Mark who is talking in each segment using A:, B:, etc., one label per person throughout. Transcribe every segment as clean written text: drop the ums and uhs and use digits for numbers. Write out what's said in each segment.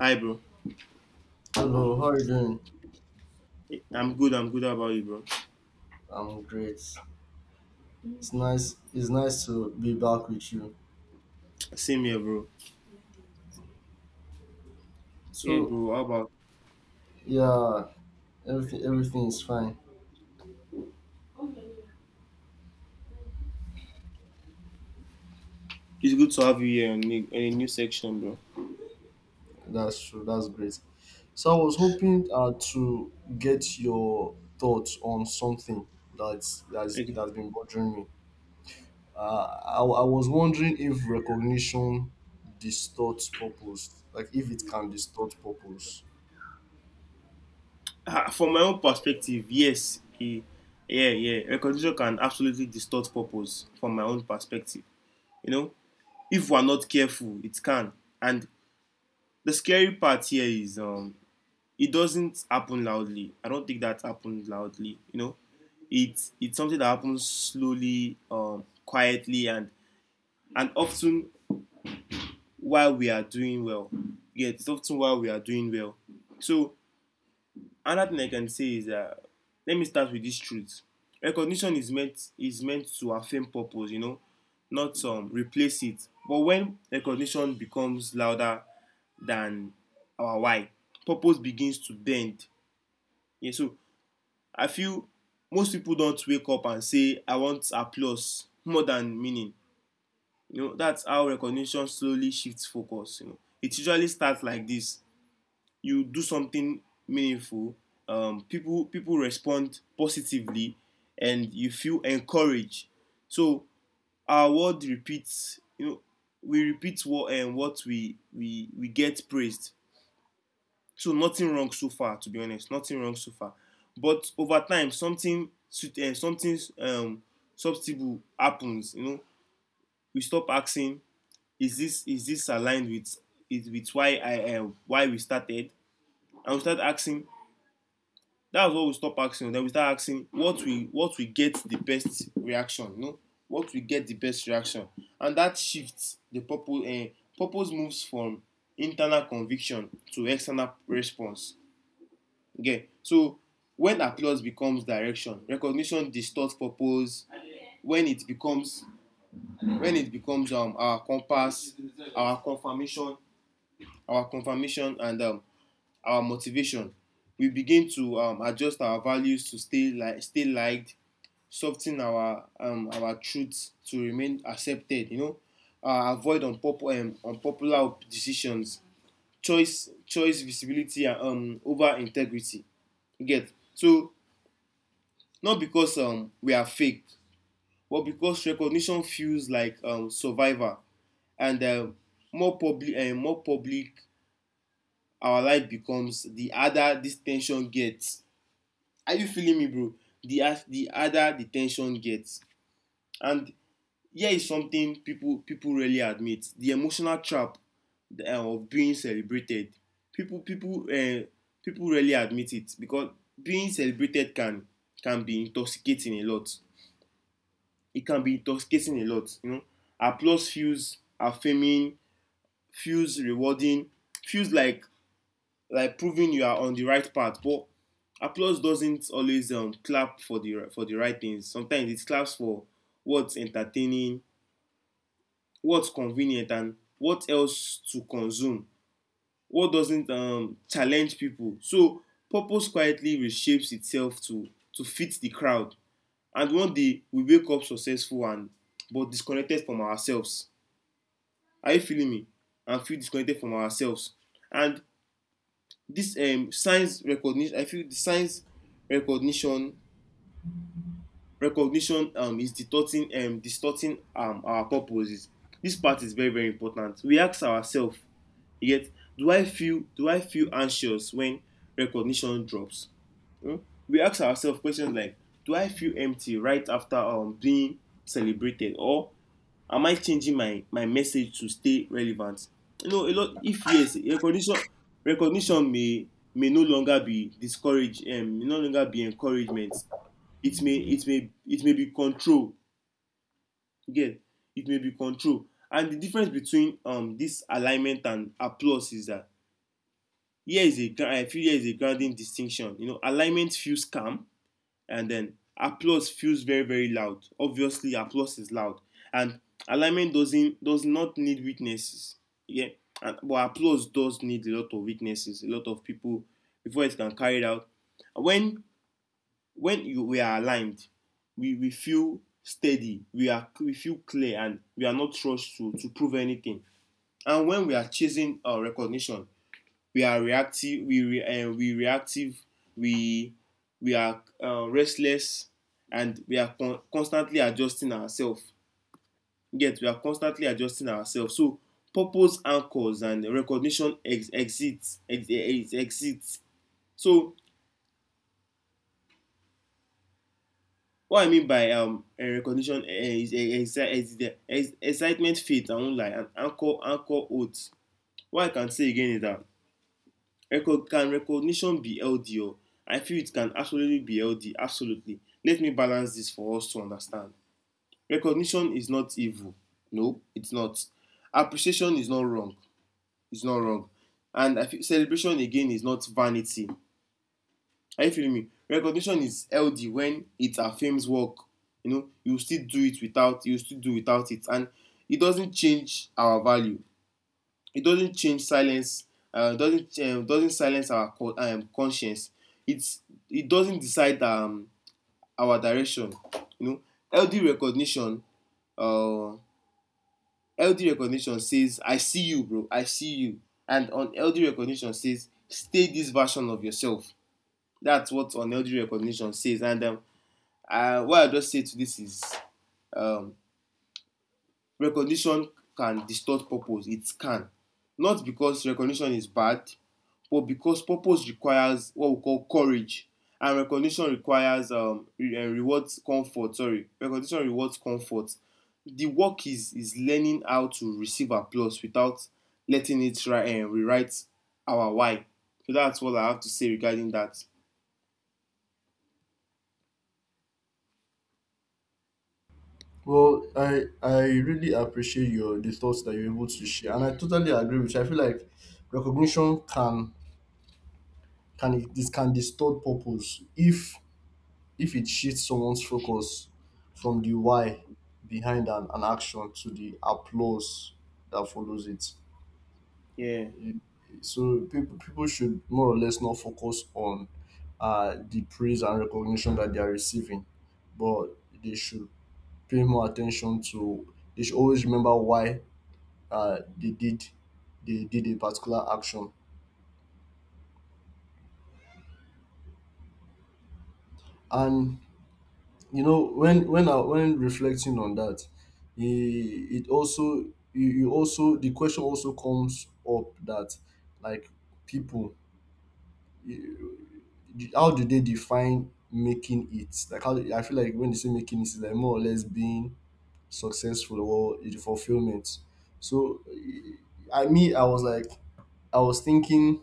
A: Hi, bro.
B: Hello, how are you doing?
A: I'm good. I'm good. How about you, bro?
B: I'm great. It's nice. It's nice to be back with you.
A: Same here, bro. Yeah,
B: So
A: bro. How about?
B: yeah, everything is fine.
A: It's good to have you here in a new section, bro.
B: That's true. That's great. So I was hoping to get your thoughts on something that's it
A: Okay.
B: has been bothering me. I was wondering if recognition distorts purpose, like if it can distort purpose.
A: Ah, from my own perspective, yes. Yeah, yeah. Recognition can absolutely distort purpose. From my own perspective, you know, if we're not careful, it can. And the scary part here is, it doesn't happen loudly. I don't think that happened loudly. It's something that happens slowly, quietly, and often while we are doing well. Yeah, it's often while we are doing well. So another thing I can say is, let me start with this truth. Recognition is meant to affirm purpose, not replace it. But when recognition becomes louder than our why, purpose begins to bend. Yeah, so I feel most people don't wake up and say, I want applause more than meaning. That's how recognition slowly shifts focus. It usually starts like this. You do something meaningful, people respond positively, and you feel encouraged. So our word repeats. We repeat what and what we get praised. So nothing wrong so far, to be honest, nothing wrong so far. But over time, something something substantial happens. We stop asking, is this aligned with, is with why I why we started, and we start asking — that's what we stop asking. Then we start asking what we get the best reaction, what we get the best reaction, and that shifts the purpose. Purpose moves from internal conviction to external response. Okay, so when applause becomes direction, recognition distorts purpose. When it becomes, our compass, our confirmation our confirmation and, our motivation. We begin to adjust our values to stay liked, soften our truth to remain accepted. Avoid unpopular, unpopular decisions, choice visibility and over integrity. You get. So, not because we are fake, but because recognition feels like, survivor, and more public and more public our life becomes, the harder this tension gets. Are you feeling me, bro? The the harder the tension gets, and here is something people really admit: the emotional trap of being celebrated. People people uh, people really admit it, because being celebrated can be intoxicating a lot. It can be intoxicating a lot. Applause feels affirming, feels rewarding, feels like, proving you are on the right path. But applause doesn't always clap for the right things. Sometimes it claps for what's entertaining, what's convenient, and what else to consume, what doesn't challenge people. So purpose quietly reshapes itself to fit the crowd. And one day we wake up successful, and but disconnected from ourselves. Are you feeling me? And feel disconnected from ourselves. And this, science recognition, I feel the science recognition, is distorting, our purposes. This part is very very important. We ask ourselves. You get. Do I feel anxious when recognition drops? Hmm? We ask ourselves questions like, do I feel empty right after, being celebrated, or am I changing my message to stay relevant? A lot. If yes, recognition, recognition may no longer be discourage, may no longer be encouragement. It may be control. You get, it may be control. And the difference between, this alignment and applause, is that... Here is a I feel here is a grounding distinction. Alignment feels calm, and then applause feels very very loud. Obviously, applause is loud, and alignment does not need witnesses. Yeah, but applause does need a lot of witnesses, a lot of people before it can carry it out. When when you we are aligned, we feel steady, we feel clear, and we are not rushed to prove anything. And when we are chasing our recognition, we are reactive, we re, we reactive, we we are, restless, and we are constantly adjusting ourselves. Yet we are constantly adjusting ourselves. So purpose anchors, and recognition exits. So what I mean by, recognition, is, excitement, faith and won lie, and anchor oath. What I can say again is that... can recognition be healthy? Or I feel it can absolutely be healthy. Absolutely. Let me balance this for us to understand. Recognition is not evil. No, it's not. Appreciation is not wrong. It's not wrong. And I feel celebration again is not vanity. Are you feeling me? Recognition is healthy when it affirms work. You still do it without, you still do without it, and it doesn't change our value. It doesn't change silence, doesn't, doesn't silence our conscience. It's it doesn't decide, our direction. you know LD recognition, uh, healthy recognition says, I see you, bro. I see you. And on LD recognition says, stay this version of yourself. That's what on LD recognition says. And um, uh, what I just say to this is... um, recognition can distort purpose. It can. Not because recognition is bad, but because purpose requires what we call courage, and recognition requires, rewards comfort. Sorry, recognition rewards comfort. The work is learning how to receive applause without letting it rewrite our why. So that's what I have to say regarding that.
B: Well, I really appreciate your the thoughts that you're able to share, and I totally agree with you. I feel like recognition can distort purpose if it shifts someone's focus from the why behind an action to the applause that follows it.
A: Yeah,
B: So people should more or less not focus on the praise and recognition that they are receiving, but they should pay more attention to. They should always remember why they did a particular action, and you know when when reflecting on that, it also you also the question also comes up that, like people you- how do they define making it, like how I feel like when they say making it, it's like more or less being successful or the fulfillment. So I me I was like I was thinking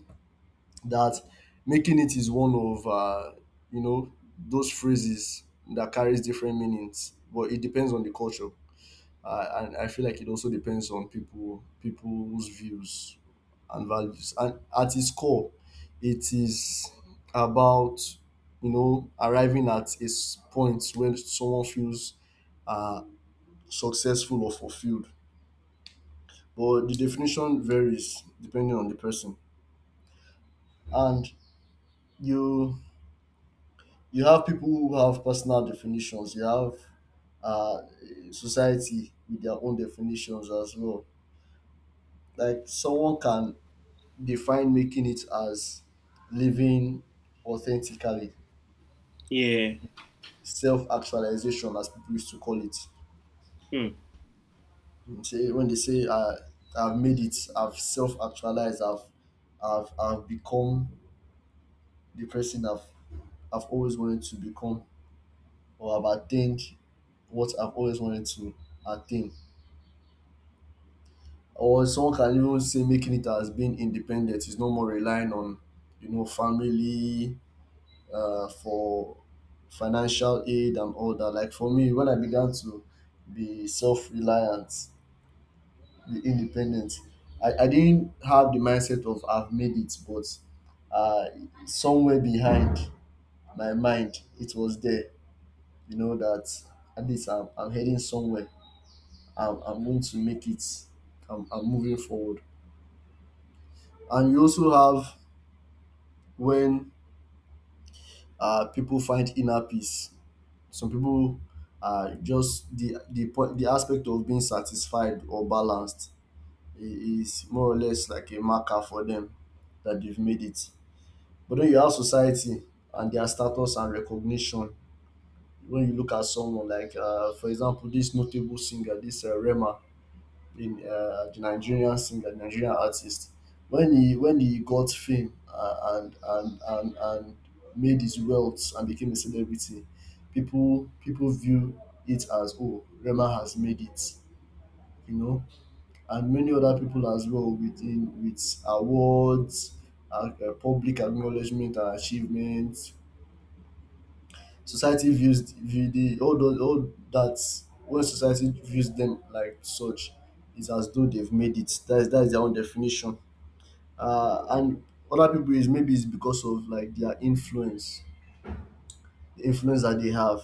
B: that making it is one of you know, those phrases that carries different meanings, but it depends on the culture, and I feel like it also depends on people's views and values, and at its core it is about, you know, arriving at a point when someone feels uh, successful or fulfilled, but the definition varies depending on the person. And you you have people who have personal definitions. You have uh, society with their own definitions as well. Like, someone can define making it as living authentically,
A: yeah.
B: self-actualization as people used to call it.
A: Hmm.
B: You say when they say I've made it, I've self-actualized, I've become the person I've always wanted to become, or I've attained what I've always wanted to attain. Or someone can even say making it as being independent, is no more relying on, you know, family for financial aid and all that. Like for me, when I began to be self-reliant, be independent, I didn't have the mindset of I've made it, but uh, somewhere behind my mind it was there, you know, that at least I'm heading somewhere, I'm going to make it, I'm moving forward. And you also have when pipu find inner peace, some pipu just de de de aspect of being satisfied or balanced I- is more or less like a marker for dem dat dey made it. But when you ask society and their status and recognition, when you look at someone like for example dis notable singer, dis Rema, in the Nigerian singer, Nigerian artist. When he got fame, and made his wealth and became a celebrity, people view it as, oh, Rema has made it, you know. And many other people as well, within with awards, public acknowledgement and achievements, society views view the all those, all that. When society views them like such, it's as though they've made it. That's their own definition. And other people, is maybe it's because of like their influence, the influence that they have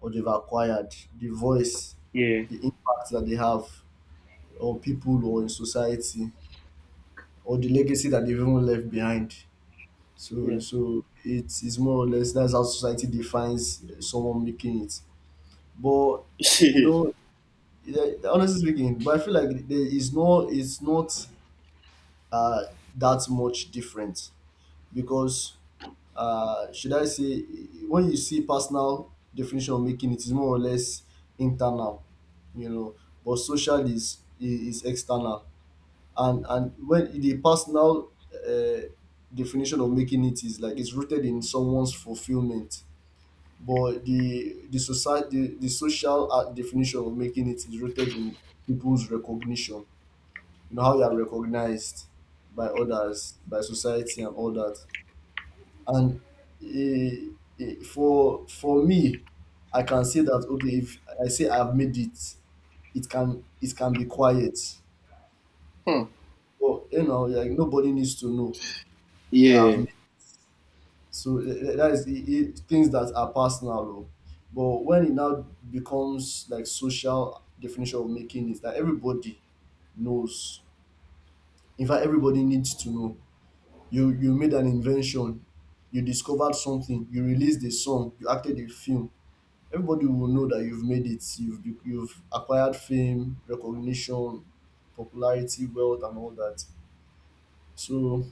B: or they've acquired, the voice,
A: Yeah,
B: the impact that they have on people or in society, or the legacy that they've even left behind. So
A: yeah.
B: so it is more or less that's how society defines someone making it, but you know. Yeah, honestly speaking, but I feel like there is no, it's not uh, that much different, because should I say, when you see personal definition of making it is more or less internal, you know, but social is external. And when the personal definition of making it is like it's rooted in someone's fulfillment, but the social definition of making it is rooted in people's recognition. You know how you are recognized by others, by society, and all that. And eh, for me, I can say that, okay, if I say I've made it, it can be quiet,
A: Hmm.
B: but you know, like, nobody needs to know that I've
A: Yeah,
B: made. So that is things that are personal, though. But when it now becomes like social definition of making, is that everybody knows. In fact, everybody needs to know. You made an invention, you discovered something, you released a song, you acted a film, everybody will know that you've made it, you've you've acquired fame, recognition, popularity, wealth, and all that. So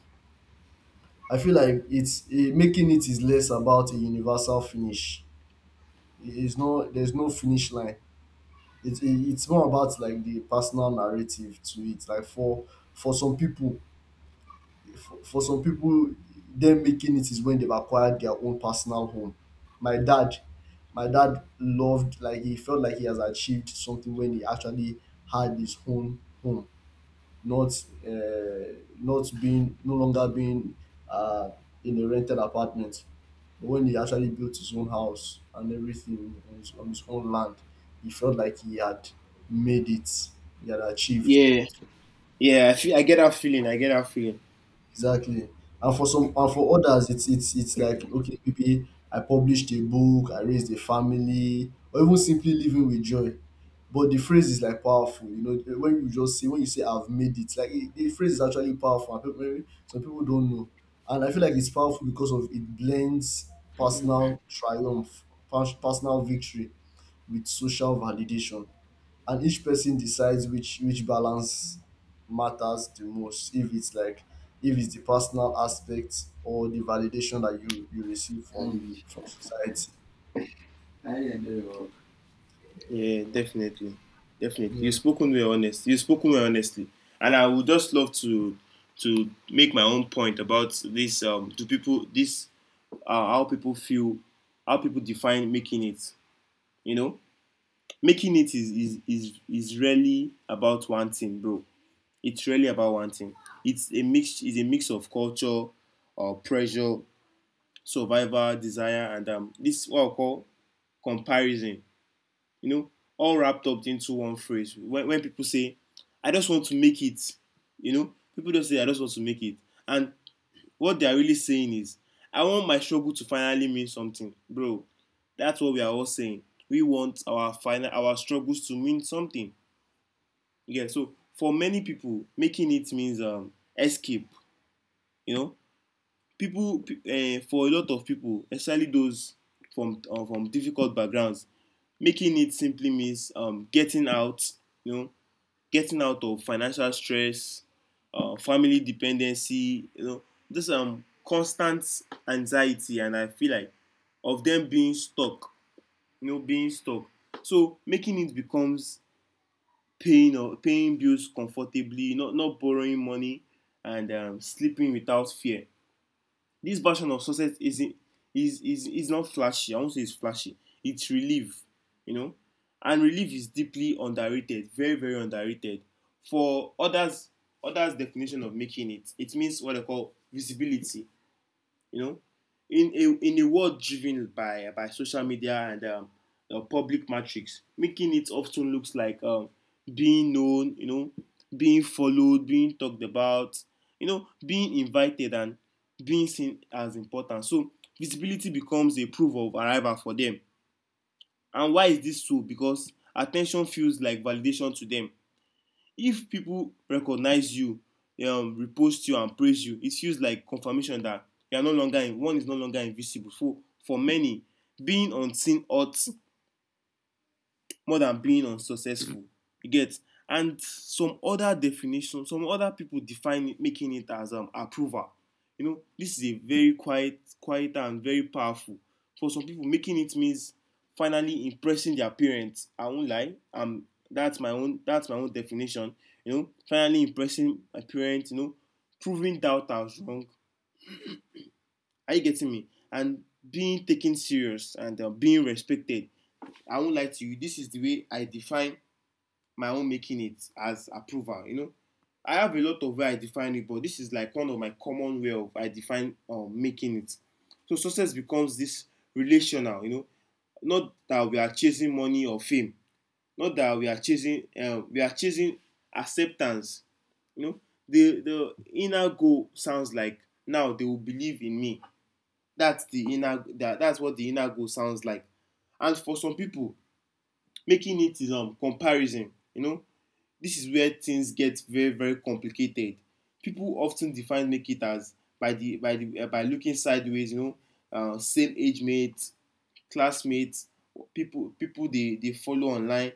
B: I feel like it's making it is less about a universal finish. It's no, there's no finish line. It's more about like the personal narrative to it. Like for some people, for some people, them making it is when they've acquired their own personal home. My dad, my dad loved, like he felt like he has achieved something when he actually had his own home. Not uh, not being no longer being uh, in a rented apartment, but when he actually built his own house and everything on on his own land, he felt like he had made it, he had achieved.
A: yeah. Yeah, I feel, I get that feeling. I get that feeling.
B: Exactly. And for some, and for others, it's like, okay, maybe I published a book, I raised a family, or even simply living with joy. But the phrase is like powerful, you know. When you just say when you say I've made it, the phrase is actually powerful. And people, maybe some people don't know, and I feel like it's powerful because of it blends personal triumph, personal victory, with social validation. And each person decides which balance matters the most. If it's like, if it's the personal aspect or the validation that you receive
A: I
B: from society.
A: I enjoy your work. Yeah, definitely, definitely. You've
B: Yeah,
A: spoken well, honest. You've spoken well, honestly, and I would just love to make my own point about this. Do people this how people feel, how people define making it. You know, making it is really about one thing, bro. It's really about one thing. It's a mix. Of culture, pressure, survival, desire, and, this what I call comparison, you know, all wrapped up into one phrase. When people say, I just want to make it, people just say, I just want to make it. And what they are really saying is, I want my struggle to finally mean something. Bro, that's what we are all saying. We want our struggles to mean something. Yeah, so for many people, making it means, escape. You know, people for a lot of people, especially those from, difficult backgrounds, making it simply means, you know getting out of financial stress, family dependency, this constant anxiety, and I feel like of them being stuck. Being stuck. So making it becomes paying bills comfortably, not borrowing money, and, sleeping without fear. This version of success isn't, is not flashy. I won't say it's flashy. It's relief, you know, and relief is deeply underrated, very very underrated. For others, others' definition of making it, it means what they call visibility. You know, in a world driven by, social media and, public metrics, making it often looks like, being known, being followed, being talked about, being invited and being seen as important. So visibility becomes a proof of arrival for them. And why is this so? Because attention feels like validation to them. If people recognize you, repost you and praise you, it feels like confirmation that you are no longer in, one is no longer invisible. For many, being unseen hurts more than being unsuccessful, you get. And some other definition, some other people define it, making it as approval. You know, this is a very quiet quieter and very powerful. For some people, making it means finally impressing their parents. I won lie, that's my own, that's my own definition. You know, finally impressing my parents, you know, proving doubters wrong. Are you getting me? And being taken serious and being respected. I won lie to you, this is the way I define my own making it as approval, you know. I have a lot of way I define it, but this is like one of my common way of I define making it. So success becomes this relational, you know. Not that we are chasing money or fame, not that we are chasing acceptance, you know. The inner goal sounds like, now they will believe in me. That's the that's what the inner goal sounds like. And for some people, making it is comparison, you know. This is where things get very very complicated. People often define make it as by looking sideways, you know, same age mates, classmates, people they follow online,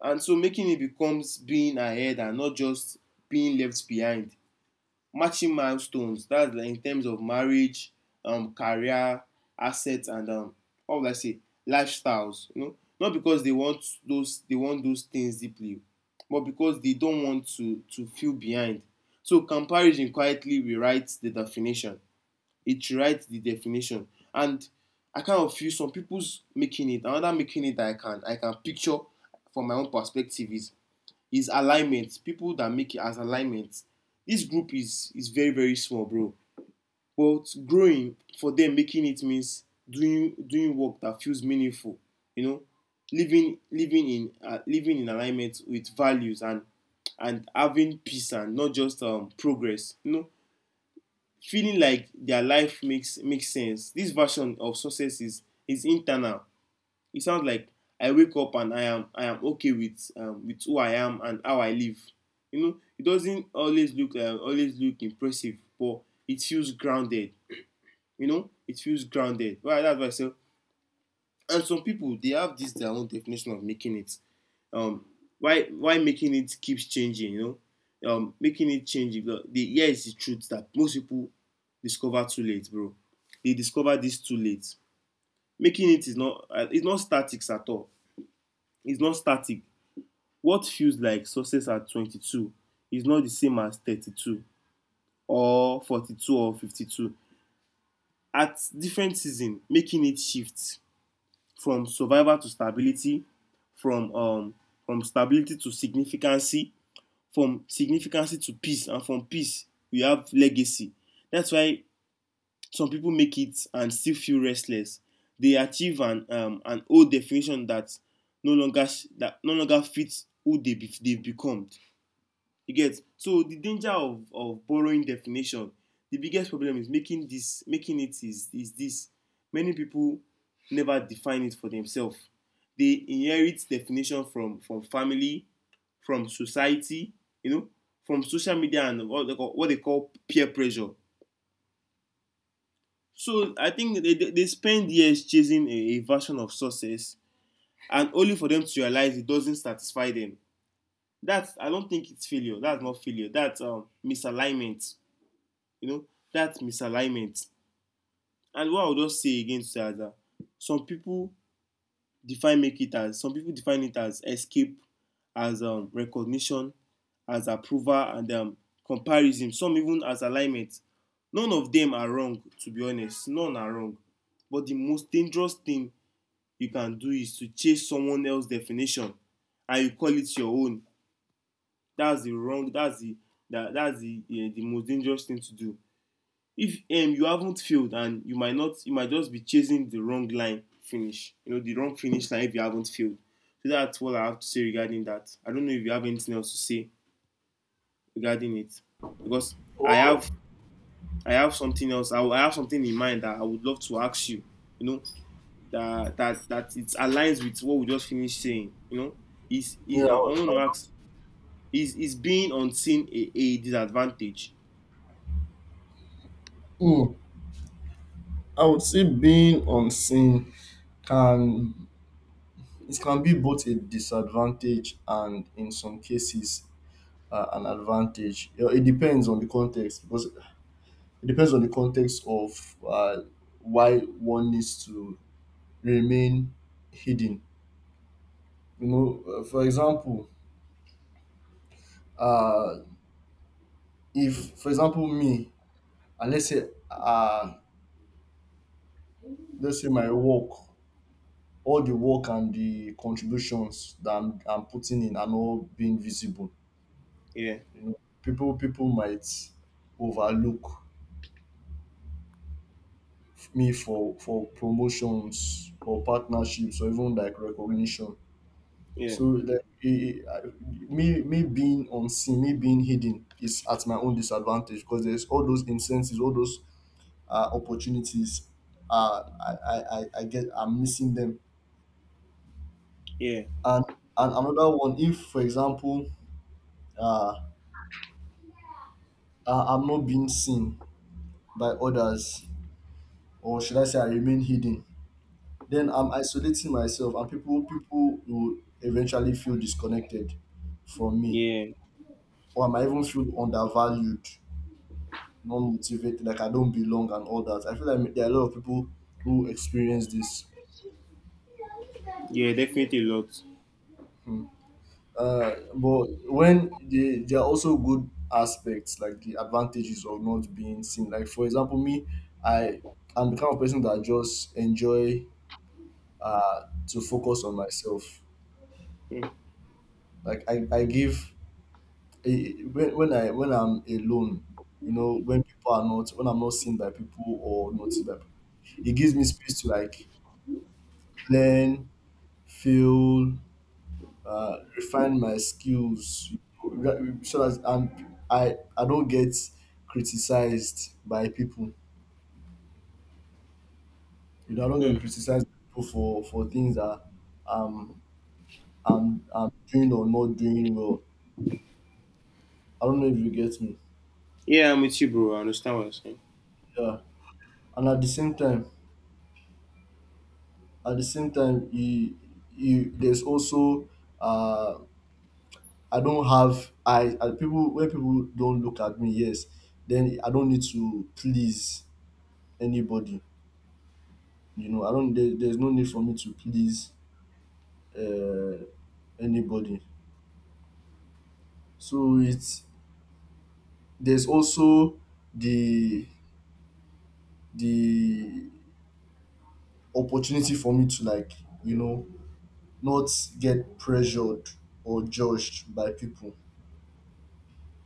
A: and so making it becomes being ahead and not just being left behind. Matching milestones. That's like in terms of marriage, career, assets, and how would I say, lifestyles. You know, not because they want those things deeply, but because they don't want to feel behind. So comparison quietly rewrites the definition. It rewrites the definition, and I kind of feel some people's making it, another making it that I can picture from my own perspective is alignment. People that make it as alignment, this group is very very small, bro, but growing. For them, making it means doing work that feels meaningful, you know, living in living in alignment with values and having peace and not just progress, you know, feeling like their life makes sense. This version of success is internal. It sounds like, I wake up and I am okay with who I am and how I live. You know, it doesn't always look impressive, but it feels grounded. You know, it feels grounded. Right, that's why I say. And some people they have this their own definition of making it. Um, why making it keeps changing? Making it changing. The Here is the truth that most people discover too late, bro. They discover this too late. Making it is not it's not statics at all. It's not static. What feels like success at 22 is not the same as 32 or 42 or 52. At different season, making it shift from survival to stability, from um, from stability to significancy, from significancy to peace, and from peace we have legacy. That's why some people make it and still feel restless. They achieve an old definition that no longer, that no longer fits they've become. You get. So the danger of borrowing definition. The biggest problem is making it is this. Many people never define it for themselves. They inherit definition from family, from society, you know, from social media and what they call peer pressure. So I think they spend years chasing a version of success and only for them to realize it doesn't satisfy them. That's, I don't think it's failure. That's not failure. That's misalignment, you know, that misalignment. And what I would just say again to that some people define make it as, some people define it as escape, as recognition, as approval, and comparison. Some even as alignment. None of them are wrong, to be honest. None are wrong. But the most dangerous thing you can do is to chase someone else's definition and you call it your own. That's the wrong. That's the most dangerous thing to do. If you haven't failed, and you might not, you might just be chasing the wrong line finish you know the wrong finish line if you haven't failed. So that's what I have to say regarding that. I don't know if you have anything else to say regarding it, because i have I have something else. I have something in mind that I would love to ask you, you know, that that it aligns with what we just finished saying, you know.
B: yeah.
A: Is I want to ask, is being unseen a disadvantage?
B: Hmm, I would say being unseen can it can be both a disadvantage and in some cases an advantage. You know, it depends on the context, because it depends on the context of why one needs to remain hidden. You know, for example, uh, if for example me, and uh, let's say my work, all the work and the contributions that I'm putting in are not being visible,
A: Yeah.
B: you know, people might overlook me for promotions or partnerships or even like recognition.
A: Yeah.
B: So like it, me me being unseen, me being hidden is at my own disadvantage, because there's all those incentives, all those opportunities I get, I'm missing them.
A: Yeah.
B: and and another one, if for example uh I'm not being seen by others, or should I say I remain hidden, then I'm isolating myself, and people will eventually feel disconnected from me,
A: Yeah.
B: or I might even feel undervalued, not motivated, like I don't belong and all that. I feel like there are a lot of people who experience this.
A: Yeah, definitely a lot.
B: Hmm. But when they, there are also good aspects, like the advantages of not being seen. Like for example me, I I'm the kind of person that just enjoy to focus on myself
A: Hmm.
B: like I give when I when I'm alone, you know, when people are not, when I'm not seen by people or noticed by people, it gives me space to like learn, feel, refine my skills, you know, so that I don't get criticized by people. You know, I don't
A: Hmm.
B: get criticized by people for things that um I'm doing or not doing well. I don't know if you get me.
A: Yeah, I'm with you, bro. I understand what you're saying.
B: Yeah, and at the same time, at the same time, you there's also uh I don't have I people when people don't look at me. Yes, then I don't need to please anybody. You know, I don't. There's no need for me to please uh, anybody. So it's there's also the the opportunity for me to like, you know, not get pressured or judged by people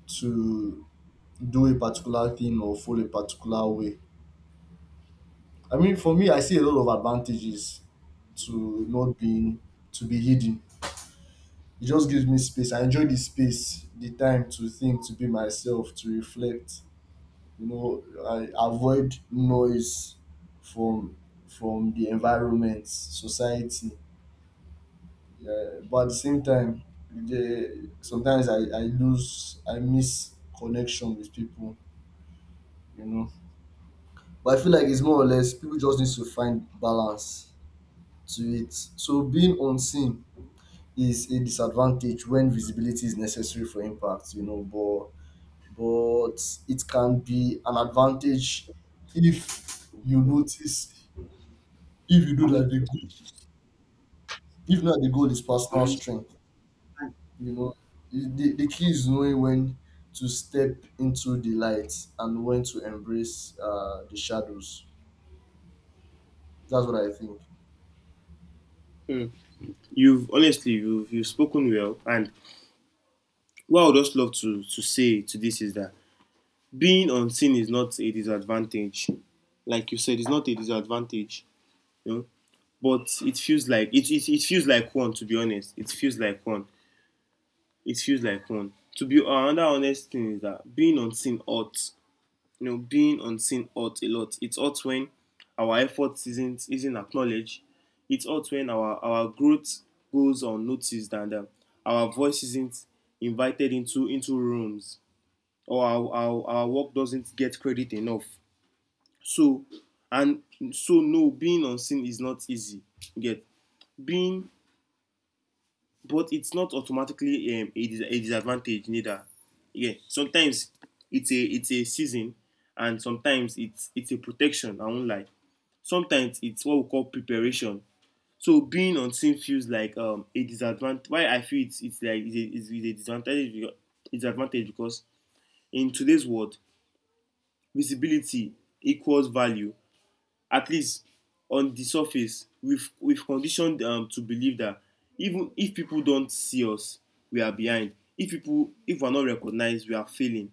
B: to do a particular thing or follow a particular way. I mean, for me, I see a lot of advantages to not being, to be hidden. It just gives me space. I enjoy the space, the time to think, to be myself, to reflect. You know, I avoid noise from from the environment, society. Yeah, but at the same time, sometimes I lose, I miss connection with people. You know, but I feel like it's more or less people just need to find balance to it. So being unseen is a disadvantage when visibility is necessary for impact. You know, but it can be an advantage if you notice, if you
A: How
B: know
A: many
B: that the goal,
A: sessions?
B: if not, the goal is
A: How
B: personal
A: many
B: strength.
A: sessions?
B: You know, the key is knowing when to step into the light, and when to embrace the shadows. That's what I think.
A: Hmm. You've honestly, you've spoken well, and what I would just love to say to this is that being unseen is not a disadvantage. Like you said, it's not a disadvantage, you know. But it feels like it feels like one. To be honest, it feels like one. It feels like one. To be another honest thing is that being unseen ought you know, being unseen hurts a lot. It hurts when our effort isn't acknowledged. It hurts when our growth goes unnoticed and our voice isn't invited into rooms, or our work doesn't get credit enough. So and so no, being unseen is not easy. Get being But it's not automatically a disadvantage neither. Yeah, sometimes it's a season, and sometimes it's a protection. I won't lie. Sometimes it's what we call preparation. So being on scene feels like a disadvantage. Why I feel it's like it's a, it's it's a disadvantage because in today's world visibility equals value, at least on the surface. We've conditioned to believe that even if people don't see us we are behind, if we're not recognized we are failing.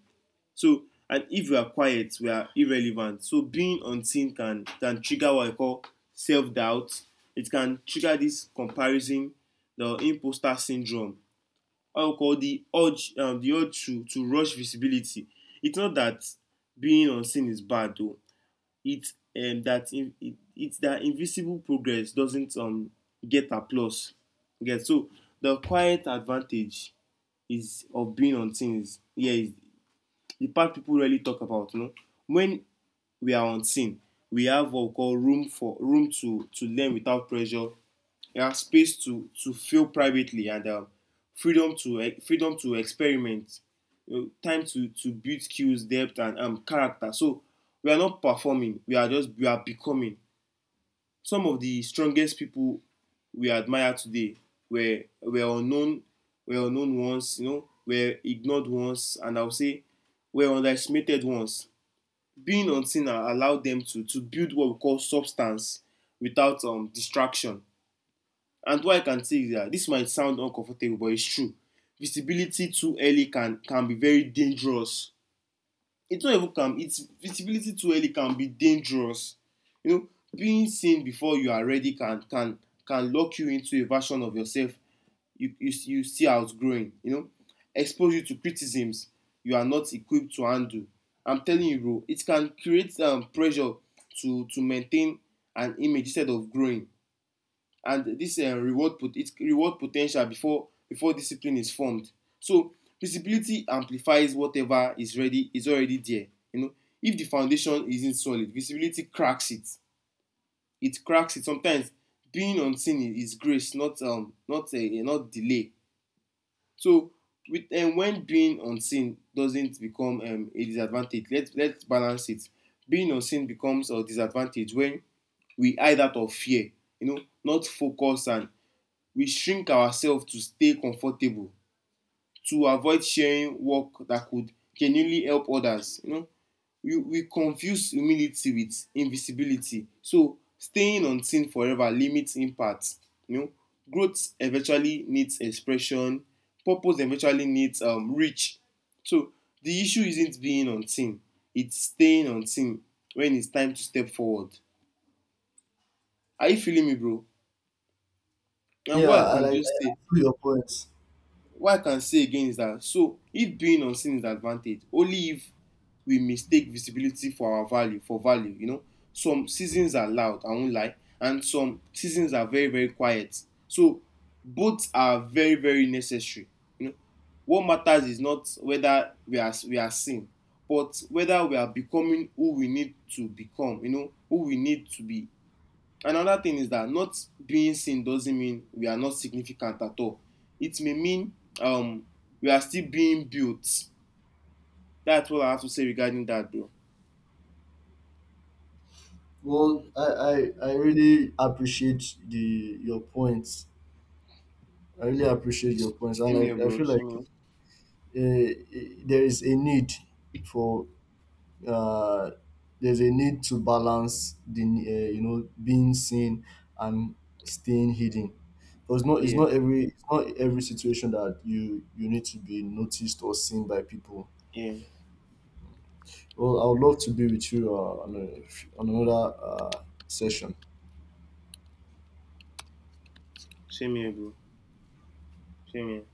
A: So and If we are quiet, we are irrelevant. So being unseen can trigger what I call self-doubt. It can trigger this comparison, the imposter syndrome. I we call the urge, the urge to rush visibility. It's not that being unseen is bad though. It's that invisible progress doesn't get applause. Okay, so the quiet advantage is of being on things. Yeah, is the part people really talk about. You know, when we are on scene, we have what we call room to learn without pressure. Yeah, space to feel privately, and freedom to freedom to experiment, you know, time to build skills, depth, and character. So we are not performing; we are becoming. Some of the strongest people we admire today were, unknown, were unknown ones, you know, were ignored ones, and I would say were underestimated ones. Being unseen allowed them to build what we call substance without distraction. And what I can say is that this might sound uncomfortable, but it's true. Visibility too early can be very dangerous. It's not even can, it's visibility too early can be dangerous. You know, being seen before you are ready can can lock you into a version of yourself you you see outgrowing, you know, expose you to criticisms you are not equipped to handle. I'm telling you, bro, it can create pressure to maintain an image instead of growing, and this reward pot its reward potential before discipline is formed. So visibility amplifies whatever is already there, you know. If the foundation isn't solid, visibility cracks it. It cracks it. Sometimes being unseen is grace, not delay. So with and um, when being unseen doesn't become a disadvantage, let's balance it. Being unseen becomes a disadvantage when we hide out of fear, you know, not focus, and we shrink ourselves to stay comfortable, to avoid sharing work that could genuinely help others. You know, we confuse humility with invisibility. So staying unseen forever limits impact. You know, growth eventually needs expression, purpose eventually needs reach. So the issue isn't being unseen, it's staying unseen when it's time to step forward. Are you feeling me, bro? And what
B: Yeah,
A: I can just
B: I
A: say,
B: feel your points.
A: what I can say again is that, so if being unseen is an advantage, only if we mistake visibility for value, you know. Some seasons are loud, I won't lie, and some seasons are very, very quiet. So both are very, very necessary. You know, what matters is not whether we are seen, but whether we are becoming who we need to become, you know, who we need to be. Another thing is that not being seen doesn't mean we are not significant at all. It may mean we are still being built. That's what I have to say regarding that, bro.
B: Well, I really appreciate the your points, I really appreciate your points, and
A: Same
B: like
A: here,
B: I
A: bro.
B: feel like
A: Same
B: uh, there is a need for, uh, there's a need to balance the you know, being seen and staying hidden, because not it's
A: here.
B: not every, it's not every situation that you need to be noticed or seen by people.
A: Yeah, yeah.
B: Well, I would love to be with you on another session.
A: Same here, bro. Same here.